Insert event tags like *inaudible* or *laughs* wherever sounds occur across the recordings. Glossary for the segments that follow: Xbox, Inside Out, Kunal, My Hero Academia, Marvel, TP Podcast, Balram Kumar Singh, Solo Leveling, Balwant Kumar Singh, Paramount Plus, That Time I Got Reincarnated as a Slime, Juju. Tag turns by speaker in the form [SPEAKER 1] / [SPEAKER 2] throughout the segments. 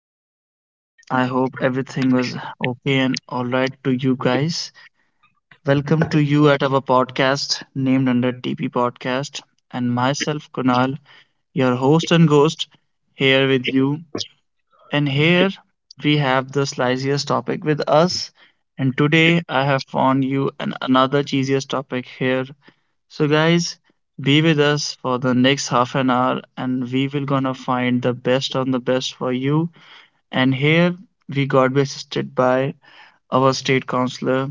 [SPEAKER 1] everyone. I hope everything was okay and all right to you guys. Welcome to you at our podcast named under TP Podcast, and myself Kunal, your host and ghost, here with you. And here we have the sliciest topic with us. And today I have found you an another cheesiest topic here. So guys, be with us for the next half an hour, and we will gonna find the best on the best for you and here we got assisted by our state counselor,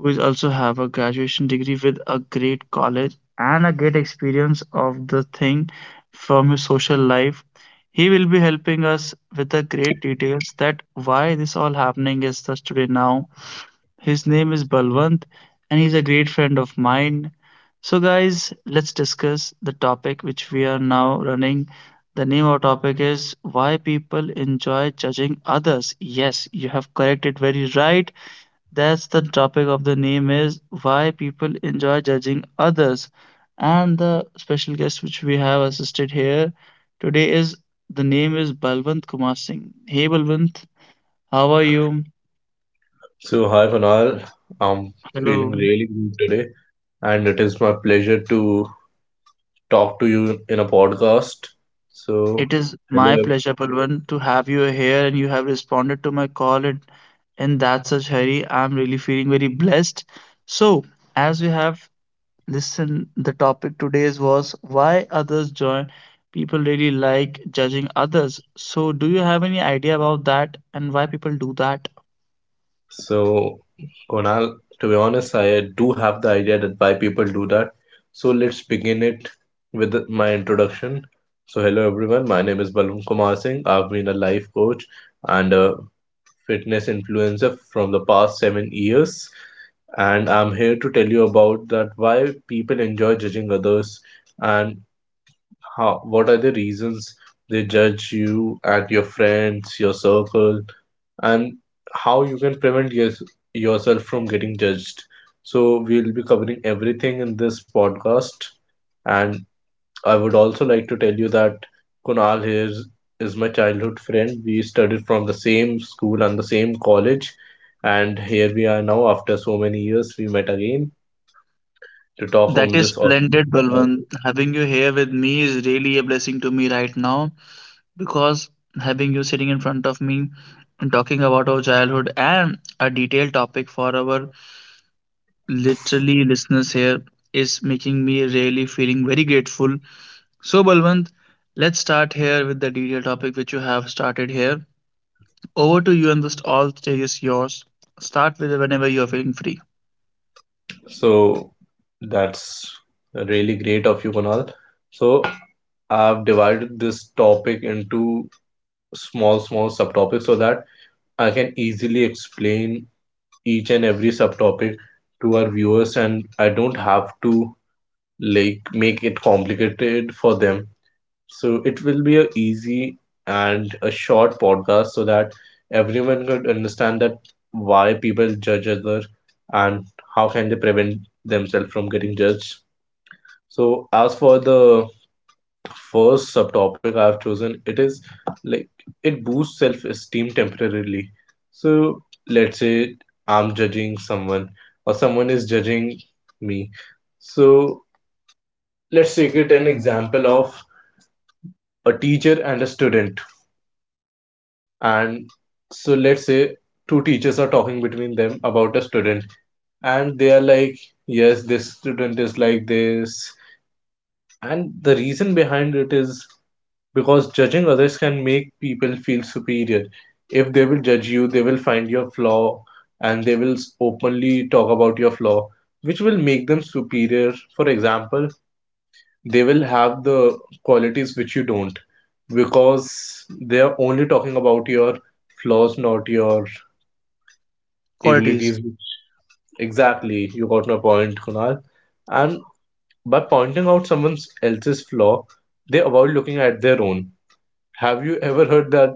[SPEAKER 1] who is also have a graduation degree with a great college and a great experience of the thing from his social life. He will be helping us with the great details that why this all happening is thus today. Now his name is Balwant and he's a great friend of mine. So, guys, let's discuss the topic which we are now running. The name of our topic is Why People Enjoy Judging Others. Yes, you have corrected very right. That's the topic of the name is Why People Enjoy Judging Others. And the special guest which we have assisted here today is the name is Balwant Kumar Singh. Hey Balwant, how are you?
[SPEAKER 2] Hi Panal, I'm feeling
[SPEAKER 1] Hello.
[SPEAKER 2] really good today, and it is my pleasure to talk to you in a podcast. So,
[SPEAKER 1] It is
[SPEAKER 2] hello.
[SPEAKER 1] my
[SPEAKER 2] ev-
[SPEAKER 1] pleasure, Palwan, to have you here, and you have responded to my call in that such hurry. I'm really feeling very blessed. So, as we have listened, the topic today's was why others join. People really like judging others. So, do you have any idea about that and why people do that?
[SPEAKER 2] So, Kunal, to be honest, I do have the idea that why people do that. So let's begin it with my introduction. So hello everyone. My name is Balram Kumar Singh. I've been a life coach and a fitness influencer from the past 7 years. And I'm here to tell you about that why people enjoy judging others and how what are the reasons they judge you and your friends, your circle, and how you can prevent, yes, yourself from getting judged. So we'll be covering everything in this podcast, and I would also like to tell you that Kunal here is my childhood friend. We studied from the same school and the same college, and here we are now, after so many years we met again to talk
[SPEAKER 1] That
[SPEAKER 2] on
[SPEAKER 1] is
[SPEAKER 2] this awesome
[SPEAKER 1] splendid,
[SPEAKER 2] topic.
[SPEAKER 1] Balwant. Having you here with me is really a blessing to me right now, because having you sitting in front of me and talking about our childhood and a detailed topic for our literally listeners here is making me really feeling very grateful. So Balwant, let's start here with the detailed topic which you have started here. Over to you and the all stage is yours. Start with whenever you are feeling free.
[SPEAKER 2] So that's really great of you, Kunal. So I've divided this topic into small, small subtopics so that I can easily explain each and every subtopic to our viewers, and I don't have to like make it complicated for them. So it will be a easy and a short podcast so that everyone could understand that why people judge other and how can they prevent themselves from getting judged. So as for the first subtopic I've chosen, it is like it boosts self-esteem temporarily. So let's say I'm judging someone or someone is judging me. So let's take it an example of a teacher and a student, and so let's say two teachers are talking between them about a student and they are like, yes, this student is like this, and the reason behind it is because judging others can make people feel superior. If they will judge you, they will find your flaw and they will openly talk about your flaw, which will make them superior. For example, they will have the qualities which you don't, because they are only talking about your flaws, not your
[SPEAKER 1] Qualities.
[SPEAKER 2] abilities. Exactly, you got my point, Kunal. And by pointing out someone else's flaw, they avoid looking at their own. Have you ever heard that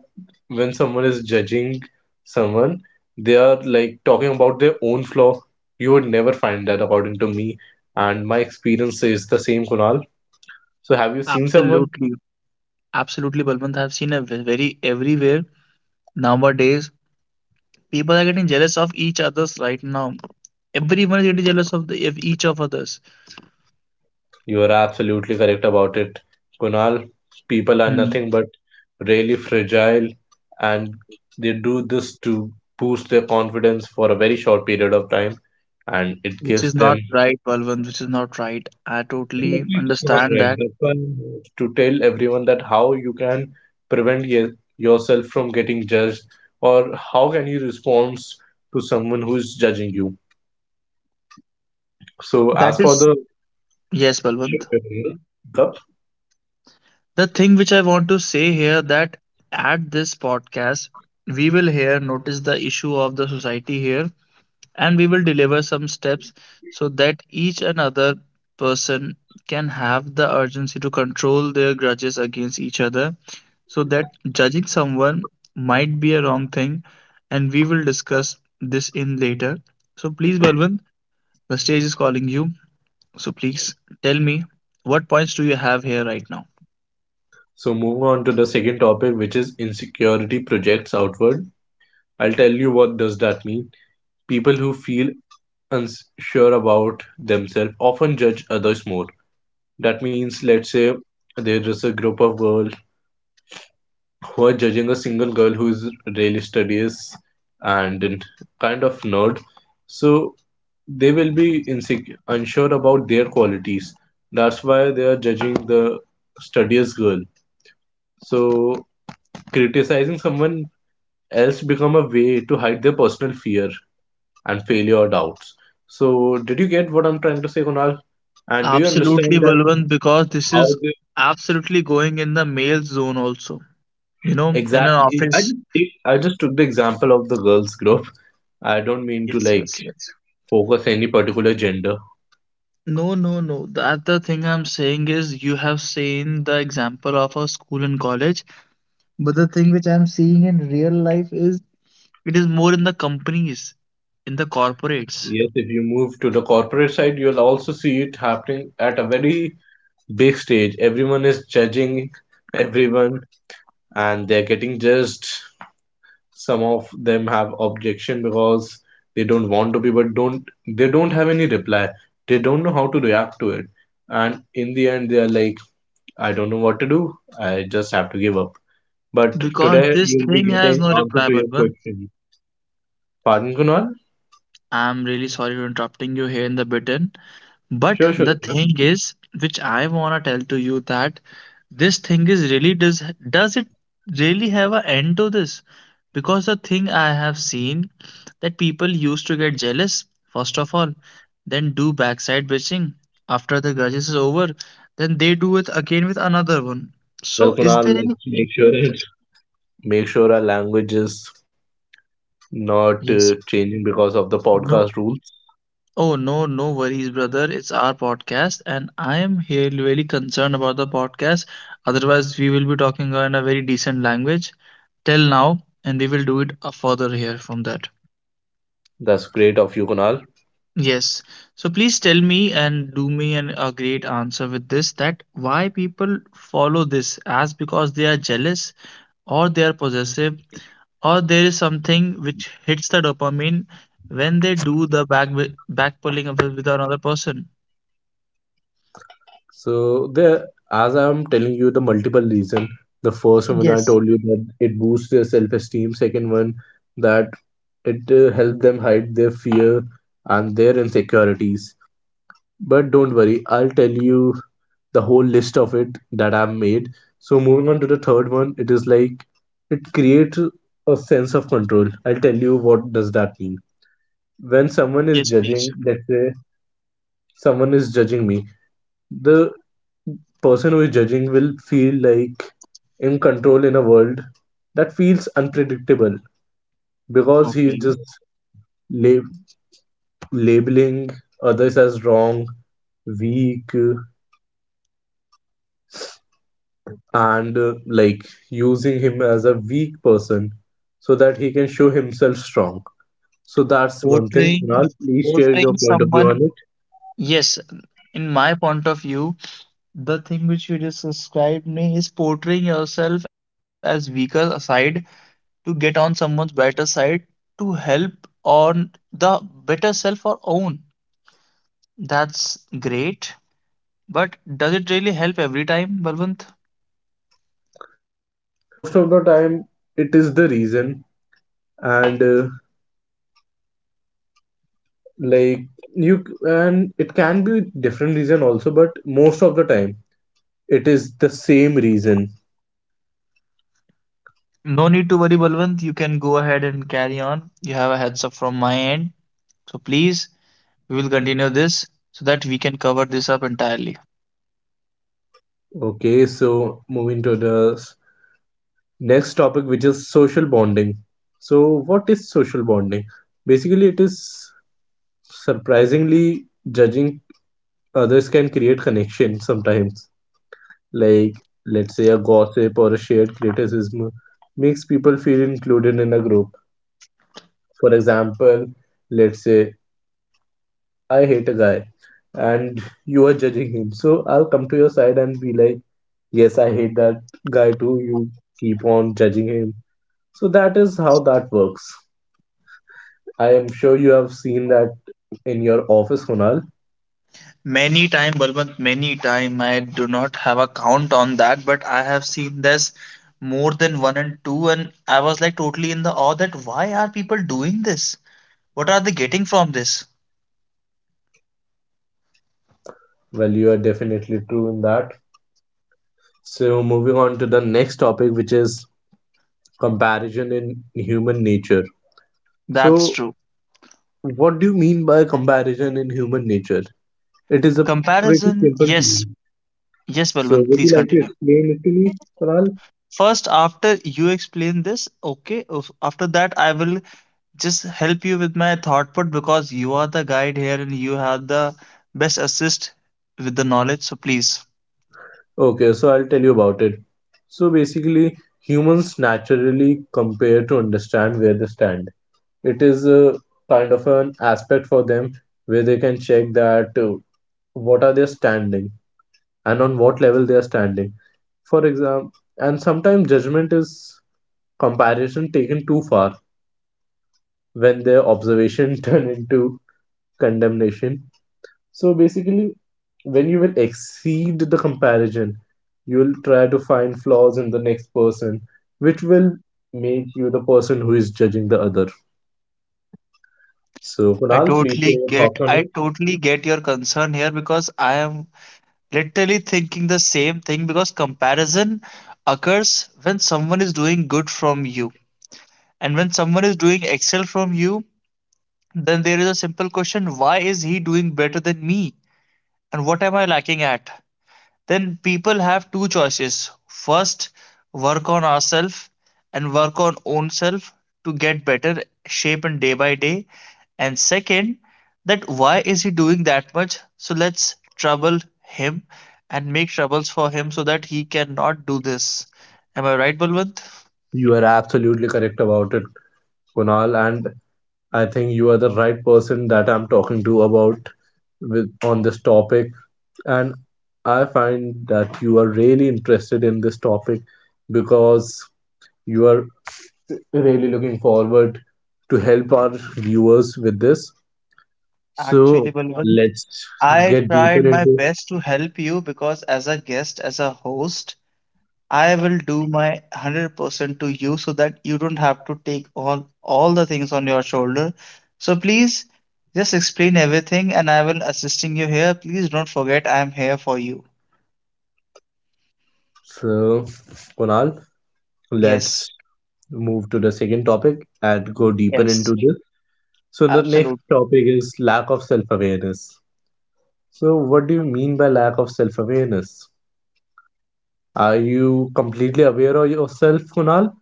[SPEAKER 2] when someone is judging someone, they are like talking about their own flaw? You would never find that, according to me, and my experience is the same, Kunal. So have you seen someone?
[SPEAKER 1] Absolutely. Absolutely, Balwant. I've seen a very everywhere nowadays. People are getting jealous of each others right now. Everyone is getting jealous of each of others.
[SPEAKER 2] You are absolutely correct about it, Kunal. People are
[SPEAKER 1] Hmm.
[SPEAKER 2] nothing but really fragile, and they do this to boost their confidence for a very short period of time, and it
[SPEAKER 1] Which
[SPEAKER 2] gives
[SPEAKER 1] is
[SPEAKER 2] them.
[SPEAKER 1] not right, Balwant. Which is not right. I totally
[SPEAKER 2] Definitely it's not
[SPEAKER 1] understand
[SPEAKER 2] right,
[SPEAKER 1] that.
[SPEAKER 2] that's why I want to tell everyone that how you can prevent yourself from getting judged, or how can you respond to someone who is judging you. So
[SPEAKER 1] That
[SPEAKER 2] as for
[SPEAKER 1] is
[SPEAKER 2] the—
[SPEAKER 1] Yes, Balwant. The thing which I want to say here that at this podcast we will here notice the issue of the society here and we will deliver some steps so that each another person can have the urgency to control their grudges against each other so that judging someone might be a wrong thing, and we will discuss this in later. So please, Balwant, the stage is calling you. So please tell me what points do you have here right now?
[SPEAKER 2] So moving on to the second topic, which is insecurity projects outward. I'll tell you what does that mean. People who feel unsure about themselves often judge others more. That means, let's say there is a group of girls who are judging a single girl who is really studious and kind of nerd. So they will be insecure, unsure about their qualities. That's why they are judging the studious girl. So criticizing someone else become a way to hide their personal fear and failure or doubts. So did you get what I'm trying to say, Kunal? And do you
[SPEAKER 1] Absolutely,
[SPEAKER 2] understand that
[SPEAKER 1] Balwant, because this
[SPEAKER 2] how
[SPEAKER 1] is
[SPEAKER 2] they
[SPEAKER 1] absolutely going in the male zone also. You know, in an
[SPEAKER 2] exactly?
[SPEAKER 1] office.
[SPEAKER 2] I just took the example of the girls group. I don't mean to
[SPEAKER 1] Yes,
[SPEAKER 2] like
[SPEAKER 1] yes, yes.
[SPEAKER 2] focus any particular gender.
[SPEAKER 1] No, no, no. That the thing I'm saying is you have seen the example of a school and college, but the thing which I'm seeing in real life is. It is more in the companies, in the corporates,
[SPEAKER 2] Yes, if you move to the corporate side, you'll also see it happening at a very big stage. Everyone is judging everyone, and they're getting judged. Some of them have objection because they don't want to be, but don't they don't have any reply, they don't know how to react to it, and in the end they are like, I don't know what to do, I just have to give up. But
[SPEAKER 1] because
[SPEAKER 2] today
[SPEAKER 1] this
[SPEAKER 2] you'll be
[SPEAKER 1] thing has
[SPEAKER 2] getting
[SPEAKER 1] no
[SPEAKER 2] answer to
[SPEAKER 1] replayable
[SPEAKER 2] your
[SPEAKER 1] one.
[SPEAKER 2] question. Pardon, Kunal?
[SPEAKER 1] I'm really sorry for interrupting you here in the button, but
[SPEAKER 2] Sure, sure,
[SPEAKER 1] the
[SPEAKER 2] Kunal.
[SPEAKER 1] thing is, which I wanna tell to you that this thing is really does it really have an end to this? Because the thing I have seen that people used to get jealous first of all, then do backside bitching after the grudges is over, then they do it again with another one.
[SPEAKER 2] Well,
[SPEAKER 1] So is
[SPEAKER 2] Kunal,
[SPEAKER 1] there
[SPEAKER 2] let's
[SPEAKER 1] any?
[SPEAKER 2] make sure it *laughs* make sure our language is not
[SPEAKER 1] Yes.
[SPEAKER 2] changing because of the
[SPEAKER 1] No.
[SPEAKER 2] podcast rules.
[SPEAKER 1] Oh, no, no worries, brother. It's our podcast, and I am here really concerned about the podcast. Otherwise, we will be talking in a very decent language till now, and we will do it further here from that.
[SPEAKER 2] That's great of you, Kunal.
[SPEAKER 1] Yes. So please tell me and do me a great answer with this that why people follow this as because they are jealous or they are possessive or there is something which hits the dopamine when they do the back pulling of it with another person.
[SPEAKER 2] So there, as I'm telling you, the multiple reason. The first one I
[SPEAKER 1] Yes,
[SPEAKER 2] told you that it boosts their self-esteem. Second one, that it helps them hide their fear and their insecurities. But don't worry, I'll tell you the whole list of it that I've made. So moving on to the third one, it is like it creates a sense of control. I'll tell you what does that mean. When someone is
[SPEAKER 1] yes, please.
[SPEAKER 2] judging, let's say someone is judging me, the person who is judging will feel like in control in a world that feels unpredictable, because he is
[SPEAKER 1] Okay.
[SPEAKER 2] just lab- labeling others as wrong, weak, and like using him as a weak person so that he can show himself strong. So that's one thing.
[SPEAKER 1] Portraying,
[SPEAKER 2] Kunal, please share your
[SPEAKER 1] portraying
[SPEAKER 2] point of view on
[SPEAKER 1] someone.
[SPEAKER 2] it.
[SPEAKER 1] Yes, in my point of view, the thing which you just described me is portraying yourself as weaker side to get on someone's better side to help on the better self or own. That's great, but does it really help every time, Balwant?
[SPEAKER 2] Well, most of the time, it is the reason, and like, you— and it can be different reason also, but most of the time it is the same reason.
[SPEAKER 1] No need to worry, Balwant. You can go ahead and carry on. You have a heads up from my end. So please. We will continue this so that we can cover this up entirely.
[SPEAKER 2] Okay, so moving to the next topic, which is social bonding. So what is social bonding? Basically, it is surprisingly judging others can create connection sometimes. Like, let's say a gossip or a shared criticism makes people feel included in a group. For example, let's say I hate a guy and you are judging him. So I'll come to your side and be like, yes, I hate that guy too. You keep on judging him. So that is how that works. I am sure you have seen that in your office, Kunal.
[SPEAKER 1] Many time, Balwant, many time. I do not have a count on that, but I have seen this more than one and two, and I was like totally in the awe that why are people doing this? What are they getting from this?
[SPEAKER 2] Well, you are definitely true in that. So moving on to the next topic, which is comparison in human nature.
[SPEAKER 1] That's
[SPEAKER 2] So
[SPEAKER 1] true.
[SPEAKER 2] what do you mean by comparison in human nature? It is a pretty
[SPEAKER 1] Comparison,
[SPEAKER 2] simple
[SPEAKER 1] yes,
[SPEAKER 2] thing.
[SPEAKER 1] yes,
[SPEAKER 2] So
[SPEAKER 1] Balwant,
[SPEAKER 2] would you
[SPEAKER 1] please
[SPEAKER 2] like to
[SPEAKER 1] continue.
[SPEAKER 2] explain it to me, Kunal?
[SPEAKER 1] First, after you explain this, okay, after that, I will just help you with my thought put because you are the guide here and you have the best assist with the knowledge. So please,
[SPEAKER 2] Okay, so I'll tell you about it. So basically, humans naturally compare to understand where they stand. It is a kind of an aspect for them where they can check that what are they standing and on what level they are standing. For example, and sometimes judgment is comparison taken too far, when their observation *laughs* turn into condemnation. So basically, when you will exceed the comparison, you'll try to find flaws in the next person, which will make you the person who is judging the other. So,
[SPEAKER 1] I
[SPEAKER 2] Kunal, please share
[SPEAKER 1] totally
[SPEAKER 2] your
[SPEAKER 1] get
[SPEAKER 2] thoughts on
[SPEAKER 1] I
[SPEAKER 2] it.
[SPEAKER 1] totally get your concern here because I am literally thinking the same thing because comparison occurs when someone is doing good from you. And when someone is doing excel from you, then there is a simple question, why is he doing better than me? And what am I lacking at? Then people have two choices. First, work on ourselves and work on own self to get better shape and day by day. And second, that why is he doing that much? So let's trouble him and make troubles for him so that he cannot do this. Am I right, Balwant?
[SPEAKER 2] You are absolutely correct about it, Kunal, and I think you are the right person that I'm talking to about with on this topic. And I find that you are really interested in this topic, because you are really looking forward to help our viewers with this. So
[SPEAKER 1] Actually, Balwant,
[SPEAKER 2] let's
[SPEAKER 1] I
[SPEAKER 2] get deeper
[SPEAKER 1] tried my
[SPEAKER 2] into.
[SPEAKER 1] best to help you because as a guest, as a host, I will do my 100% to you so that you don't have to take on all the things on your shoulder. So please just explain everything and I will assisting you here. Please don't forget I am here for you.
[SPEAKER 2] So Kunal, let's
[SPEAKER 1] Yes,
[SPEAKER 2] move to the second topic and go deeper
[SPEAKER 1] yes,
[SPEAKER 2] into this. So the next
[SPEAKER 1] absolutely.
[SPEAKER 2] topic is lack of self-awareness. So what do you mean by lack of self-awareness? Are you completely aware of yourself, Kunal?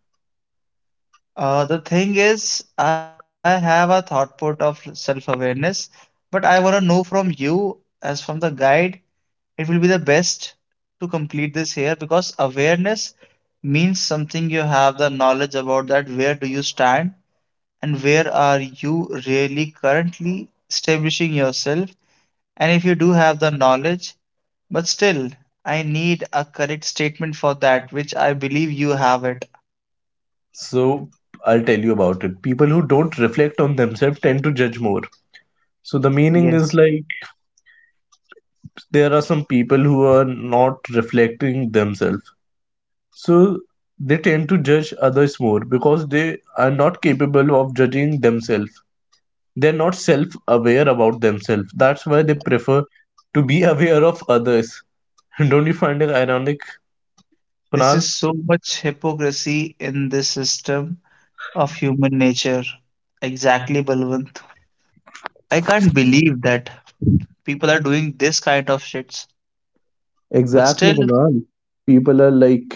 [SPEAKER 1] The thing is, I have a thought put of self-awareness, but I want to know from you as from the guide it will be the best to complete this here because awareness means something you have the knowledge about that where do you stand and where are you really currently establishing yourself, and if you do have the knowledge but still I need a correct statement for that which I believe you have it.
[SPEAKER 2] So I'll tell you about it. People who don't reflect on themselves tend to judge more. So the meaning is
[SPEAKER 1] Yes,
[SPEAKER 2] like there are some people who are not reflecting themselves. So they tend to judge others more because they are not capable of judging themselves. They're not self aware about themselves. That's why they prefer to be *laughs* aware of others. *laughs* Don't you find it ironic,
[SPEAKER 1] this
[SPEAKER 2] Kunal?
[SPEAKER 1] is so much hypocrisy in this system of human nature. Exactly, Balwant. I can't believe that people are doing this kind of shits. But
[SPEAKER 2] Exactly,
[SPEAKER 1] still,
[SPEAKER 2] Kunal. People are like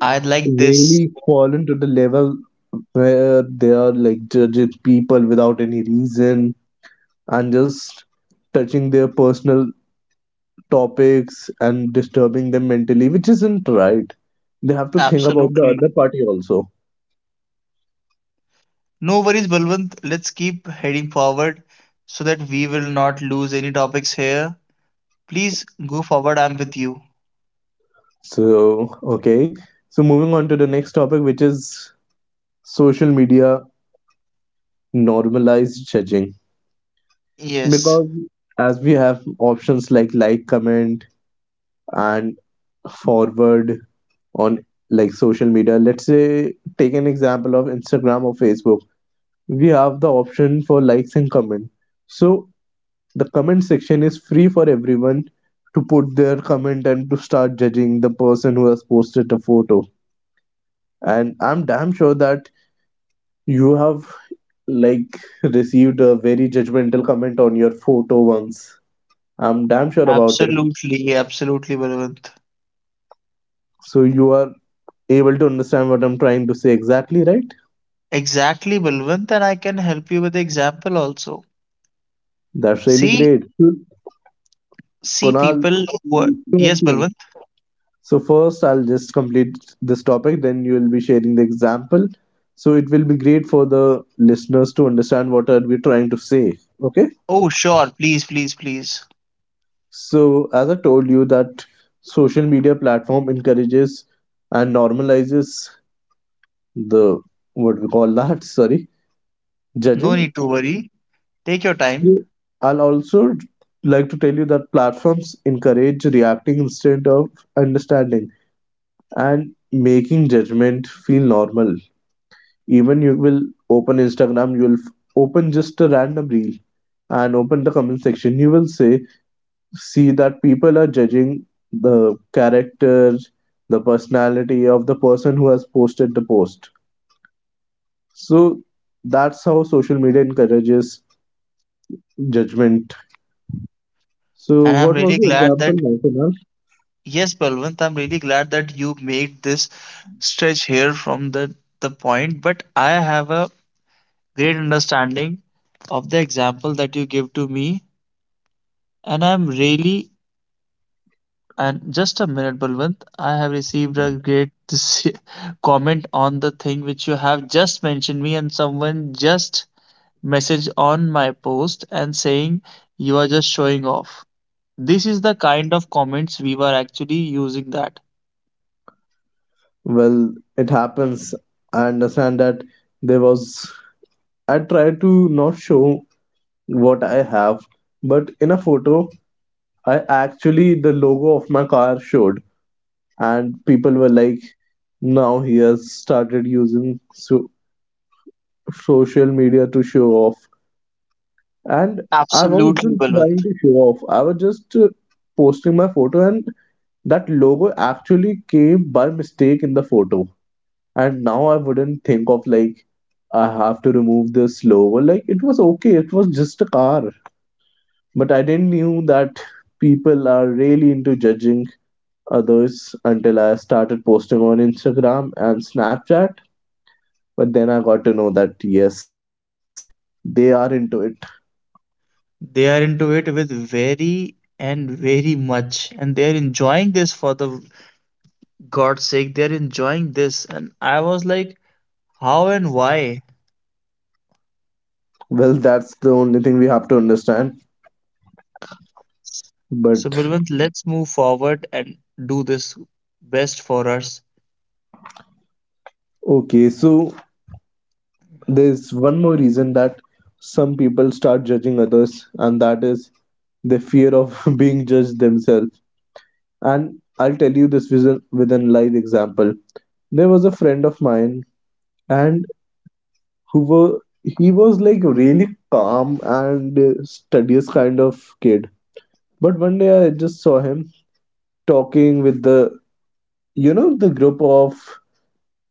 [SPEAKER 1] I like this.
[SPEAKER 2] really fallen to the level where they are like judging people without any reason and just touching their personal topics and disturbing them mentally, which isn't right. They have to think about the
[SPEAKER 1] Absolutely.
[SPEAKER 2] other party also.
[SPEAKER 1] No worries, Balwant. Let's keep heading forward so that we will not lose any topics here. Please go forward. I'm with you.
[SPEAKER 2] So, okay. So moving on to the next topic, which is social media normalized judging.
[SPEAKER 1] Yes,
[SPEAKER 2] Because as we have options like, comment, and forward on like social media, let's say take an example of Instagram or Facebook. We have the option for likes and comment. So the comment section is free for everyone to put their comment and to start judging the person who has posted a photo. And I'm damn sure that you have like received a very judgmental comment on your photo once. I'm damn sure about it.
[SPEAKER 1] absolutely. Absolutely, Balwant.
[SPEAKER 2] So you are able to understand what I'm trying to say exactly, right?
[SPEAKER 1] Exactly, Balwant. And I can help you with the example also.
[SPEAKER 2] That's really
[SPEAKER 1] See,
[SPEAKER 2] great,
[SPEAKER 1] see,
[SPEAKER 2] Kunal.
[SPEAKER 1] people who are... Yes, Balwant.
[SPEAKER 2] So first, I'll just complete this topic, then you will be sharing the example. So it will be great for the listeners to understand what are we trying to say. Okay.
[SPEAKER 1] Oh, sure. Please, please, please.
[SPEAKER 2] So as I told you that social media platform encourages and normalizes the, what we call that, *laughs* sorry,
[SPEAKER 1] No
[SPEAKER 2] judging.
[SPEAKER 1] need to worry. Take your time.
[SPEAKER 2] So I'll also like to tell you that platforms encourage reacting instead of understanding and making judgment feel normal. Even you will open Instagram, you will open just a random reel and open the comment section. You will see that people are judging the character, the personality of the person who has posted the post. So that's how social media encourages judgment. So
[SPEAKER 1] And I'm
[SPEAKER 2] what was
[SPEAKER 1] really
[SPEAKER 2] the
[SPEAKER 1] glad
[SPEAKER 2] example,
[SPEAKER 1] that
[SPEAKER 2] National?
[SPEAKER 1] Yes, Balwant, I'm really glad that you made this stretch here from the point, but I have a great understanding of the example that you give to me, and I'm really and just a minute, Balwant, I have received a great this *laughs* comment on the thing which you have just mentioned me, and someone just message on my post and saying you are just showing off. This is the kind of comments we were actually using that.
[SPEAKER 2] Well, it happens. I understand that there was. I try to not show what I have, but in a photo I actually the logo of my car showed, and people were like, "Now he has started using so- social media to show off." And I
[SPEAKER 1] Absolutely,
[SPEAKER 2] wasn't
[SPEAKER 1] Balwant.
[SPEAKER 2] trying to show off. I was just posting my photo, and that logo actually came by mistake in the photo. And now I wouldn't think of like I have to remove this logo. Like it was okay. It was just a car, but I didn't knew that people are really into judging others until I started posting on Instagram and Snapchat. But then I got to know that yes, they are into it.
[SPEAKER 1] They are into it with very and very much, and they are enjoying this for the God's sake. They are enjoying this, and I was like, how and why?
[SPEAKER 2] Well, that's the only thing we have to understand.
[SPEAKER 1] So,
[SPEAKER 2] But
[SPEAKER 1] Bilwant, let's move forward and do this best for us.
[SPEAKER 2] okay, so there's one more reason that some people start judging others, and that is the fear of *laughs* being judged themselves. And I'll tell you this with an live example. There was a friend of mine, and who were he was like really calm and studious kind of kid. But one day I just saw him talking with the, you know, the group of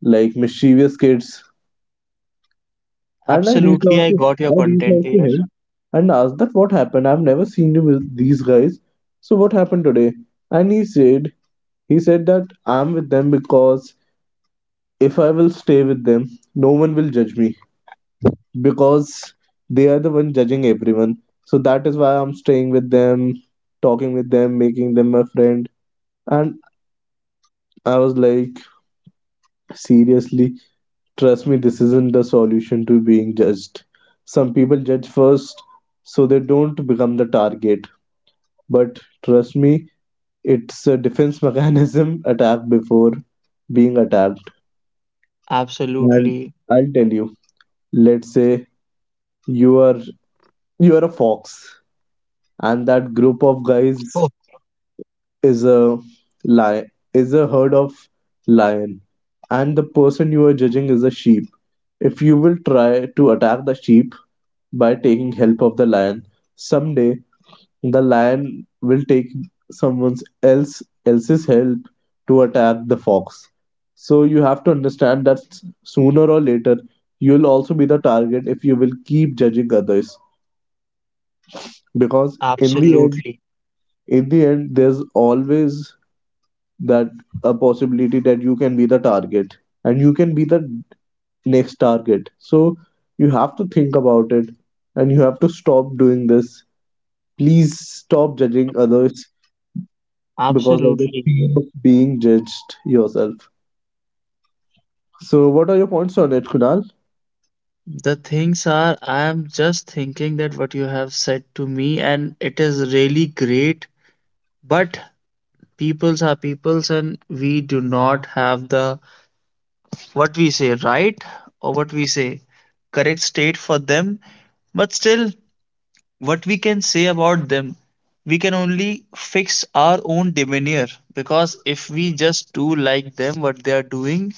[SPEAKER 2] like mischievous kids. And
[SPEAKER 1] Absolutely, I got your
[SPEAKER 2] I reached
[SPEAKER 1] content
[SPEAKER 2] out to
[SPEAKER 1] here.
[SPEAKER 2] him and asked that what happened, I've never seen you with these guys, so what happened today. And he said that I'm with them because if I will stay with them, no one will judge me because they are the one judging everyone. So that is why I'm staying with them, talking with them, making them my friend. And I was like, seriously, trust me, this isn't the solution to being judged. Some people judge first so they don't become the target. But trust me, it's a defense *laughs* mechanism, attack before being attacked. And
[SPEAKER 1] Absolutely.
[SPEAKER 2] I'll tell you, let's say you are a fox and that group of
[SPEAKER 1] Oh,
[SPEAKER 2] guys is a lion herd of lion, and the person you are judging is a sheep. If you will try to attack the sheep by taking help of the lion, someday the lion will take someone else else's help to attack the fox. So you have to understand that sooner or later you'll also be the target if you will keep judging others, because
[SPEAKER 1] absolutely.
[SPEAKER 2] in the end there's always that a possibility that you can be the target and you can be the next target. So you have to think about it and you have to stop doing this. Please stop judging others because of the
[SPEAKER 1] Absolutely.
[SPEAKER 2] fear of being judged yourself. So, what are your points on it, Kunal?
[SPEAKER 1] The things are, I am just thinking that what you have said to me, and it is really great. But peoples are peoples and we do not have the what we say right or what we say correct state for them but still what we can say about them we can only fix our own demeanor, because if we just do like them what they are doing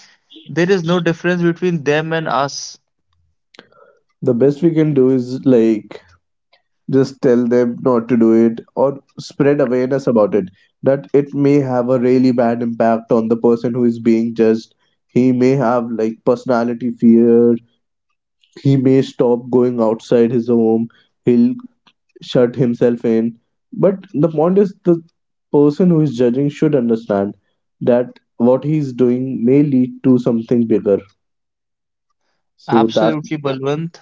[SPEAKER 1] there is no difference between them and us.
[SPEAKER 2] The best we can do is like just tell them not to do it or spread awareness about it, that it may have a really bad impact on the person who is being judged. He may have like personality fear, he may stop going outside his home, he'll shut himself in. But the point is the person who is judging should understand that what he's doing may lead to something bigger. So that
[SPEAKER 1] Absolutely, Balwant.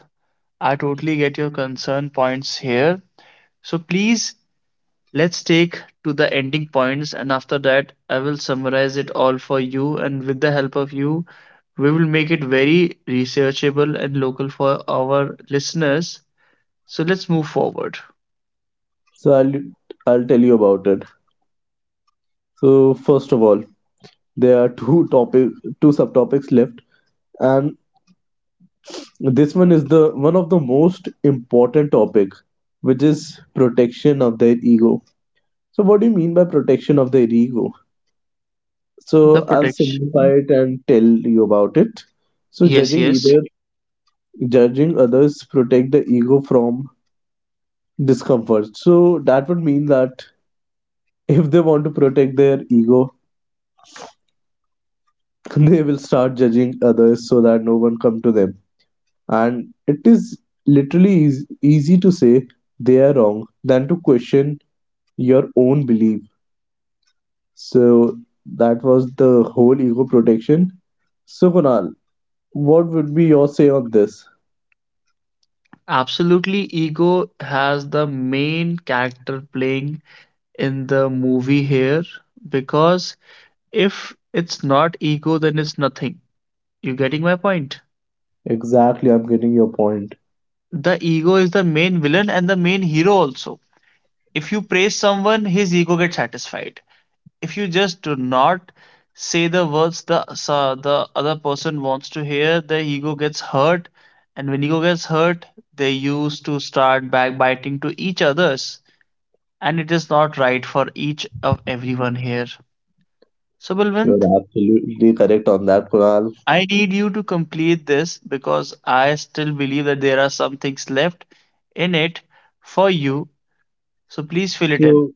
[SPEAKER 1] I totally get your concern points here. So please, let's take to the ending points and after that I will summarize it all for you and with the help of you we will make it very researchable and local for our listeners. So let's move forward.
[SPEAKER 2] so i'll, I'll tell you about it. So first of all, there are two subtopics left, and this one is the one of the most important topic, which is protection of their ego. So what do you mean by protection of their ego?
[SPEAKER 1] The
[SPEAKER 2] So I'll simplify
[SPEAKER 1] protection.
[SPEAKER 2] it and tell you about it. So
[SPEAKER 1] Yes, yes.
[SPEAKER 2] judging others protect the ego from discomfort. So that would mean that if they want to protect their ego, *laughs* they will start judging others so that no one come to them. And it is literally easy to say they are wrong than to question your own belief. So that was the whole ego protection. So Kunal, what would be your say on this?
[SPEAKER 1] Absolutely. Ego has the main character playing in the movie here because if it's not ego, then it's nothing. You getting my point?
[SPEAKER 2] Exactly, I'm getting your point.
[SPEAKER 1] The ego is the main villain and the main hero also. If you praise someone, his ego gets satisfied. If you just do not say the words the so the other person wants to hear, the ego gets hurt, and when ego gets hurt, they used to start backbiting to each others, and it is not right for each of everyone here. So
[SPEAKER 2] You're
[SPEAKER 1] Balwant,
[SPEAKER 2] absolutely correct on that, Kunal.
[SPEAKER 1] I need you to complete this because I still believe that there are some things left in it for you. So please fill it in.
[SPEAKER 2] So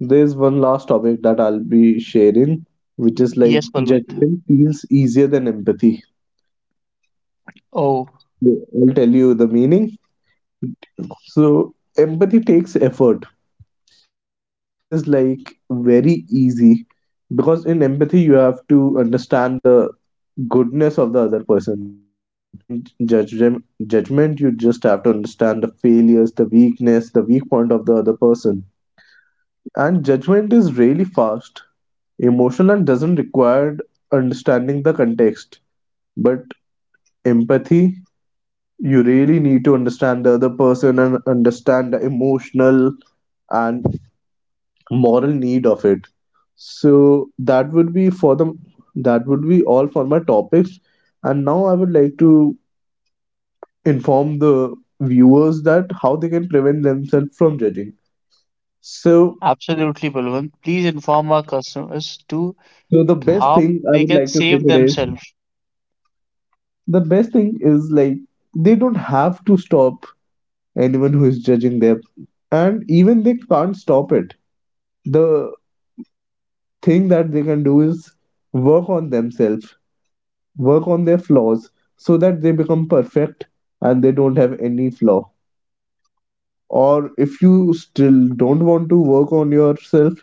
[SPEAKER 2] there's one last topic that I'll be sharing, which is like
[SPEAKER 1] Yes, Balwant.
[SPEAKER 2] judgment feels easier than empathy.
[SPEAKER 1] Oh,
[SPEAKER 2] I'll tell you the meaning. So empathy takes effort, and judging is like very easy, because in empathy you have to understand the goodness of the other person, but in judgment you just have to understand the failures, the weakness, the weak point of the other person. And judgment is really fast, emotional, and doesn't require understanding the context. But empathy, you really need to understand the other person and understand the emotional and moral need of it. So that would be all for my topics. And now I would like to inform the viewers that how they can prevent themselves from judging. So
[SPEAKER 1] absolutely, Balwant. Please inform our customers to
[SPEAKER 2] the best
[SPEAKER 1] how
[SPEAKER 2] thing I
[SPEAKER 1] they
[SPEAKER 2] would
[SPEAKER 1] can
[SPEAKER 2] like to say
[SPEAKER 1] save
[SPEAKER 2] today,
[SPEAKER 1] themselves.
[SPEAKER 2] the best thing is like they don't have to stop anyone who is judging them, and even they can't stop it. The thing that they can do is work on themselves, work on their flaws, so that they become perfect and they don't have any flaw. Or if you still don't want to work on yourself,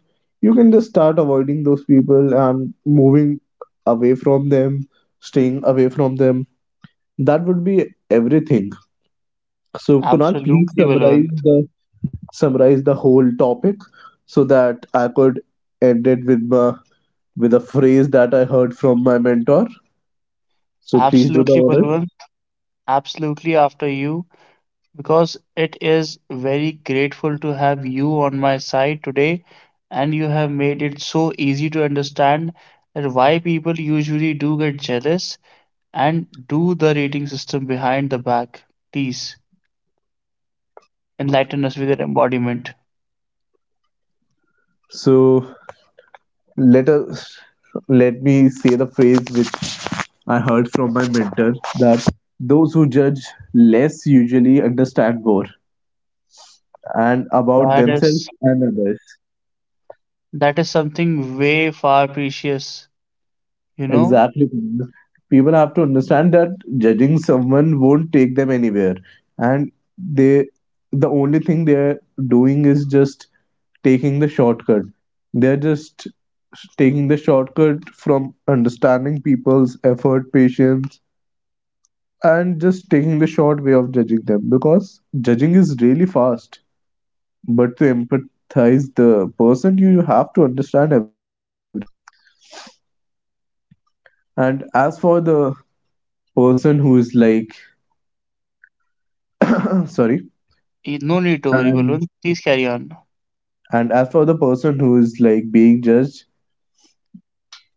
[SPEAKER 2] you can just start avoiding those people and moving away from them, staying away from them. That would be everything. So Kunal, please
[SPEAKER 1] Absolutely, Balwant.
[SPEAKER 2] summarize the whole topic so that I could end it with my with a phrase that I heard from my mentor. So please do the
[SPEAKER 1] Absolutely,
[SPEAKER 2] honor.
[SPEAKER 1] Balwant. Absolutely after you, because it is very grateful to have you on my side today, and you have made it so easy to understand that why people usually do get jealous and do the rating system behind the back. Please enlighten us with your embodiment.
[SPEAKER 2] So Let us let me say the phrase which I heard from my mentor, that those who judge less usually understand more, and about
[SPEAKER 1] That
[SPEAKER 2] themselves
[SPEAKER 1] is
[SPEAKER 2] and others.
[SPEAKER 1] That is something way far precious, you know?
[SPEAKER 2] Exactly. Kunal. People have to understand that judging someone won't take them anywhere. And the only thing they're doing is just taking the shortcut. They're just taking the shortcut from understanding people's effort, patience, and just taking the short way of judging them, because judging is really fast. But to empathize the person, you have to understand everything. And as for the person who is like *clears throat* sorry.
[SPEAKER 1] No need to worry,
[SPEAKER 2] And
[SPEAKER 1] Balwant. Please carry on.
[SPEAKER 2] as for the person who is like being judged,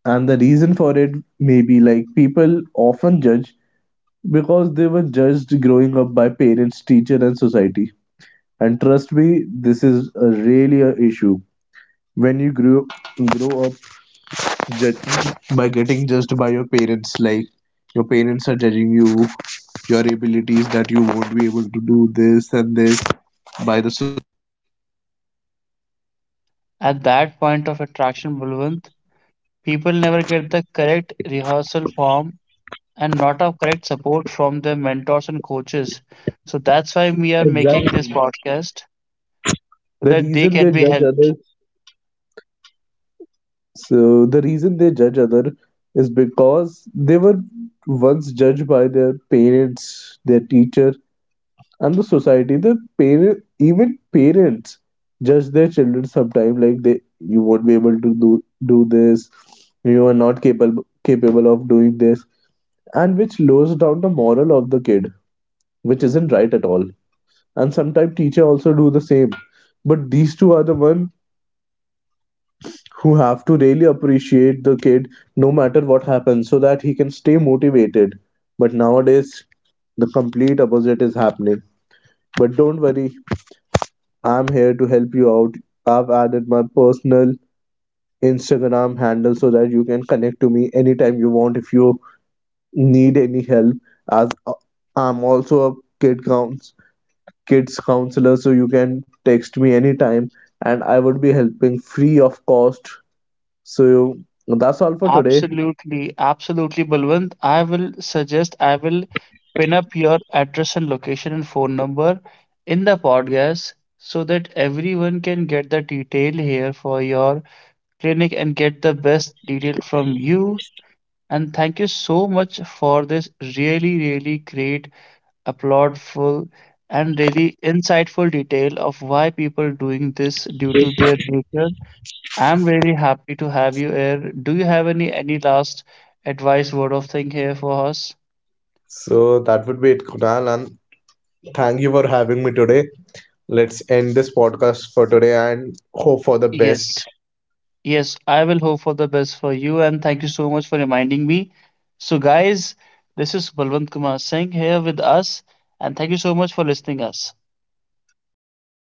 [SPEAKER 2] and the reason for it may be like people often judge because they were judged growing up by parents, teacher, and society. And trust me, this is a really a issue. When you grow up, by getting judged by your parents, like your parents are judging you, your abilities, that you won't be able to do this and this, by the
[SPEAKER 1] At that point of attraction, Balwant, people never get the correct rehearsal form and not a correct support from their mentors and coaches. So that's why we are making
[SPEAKER 2] exactly
[SPEAKER 1] this podcast
[SPEAKER 2] the
[SPEAKER 1] so that
[SPEAKER 2] reason they
[SPEAKER 1] they can
[SPEAKER 2] judge
[SPEAKER 1] be helped.
[SPEAKER 2] others. So the reason they judge other is because they were once judged by their parents, their teacher, and the society. The parent parents judge their children sometimes, like they you won't be able to do this, you are not capable of doing this, and which lowers down the moral of the kid, which isn't right at all. And sometimes teacher also do the same. But these two are the one who have to really appreciate the kid no matter what happens, so that he can stay motivated. But nowadays the complete opposite is happening. But don't worry, I'm here to help you out. I've added my personal Instagram handle so that you can connect to me anytime you want if you need any help, as I'm also a kid count kids counselor, so you can text me anytime and I would be helping free of cost. So that's all for today.
[SPEAKER 1] Absolutely, absolutely, Balwant. I will pin up your address and location and phone number in the podcast so that everyone can get the detail here for your clinic and get the best detail from you. And thank you so much for this really, really great, applaudful, and really insightful detail of why people doing this due to their nature. I'm very happy to have you here. Do you have any last advice, word of thing here for us?
[SPEAKER 2] So that would be it, Kunal, and thank you for having me today. Let's end this podcast for today and hope for the best.
[SPEAKER 1] Yes. Yes, I will hope for the best for you and thank you so much for reminding me. So guys, this is Balwant Kumar Singh here with us and thank you so much for listening us. See you in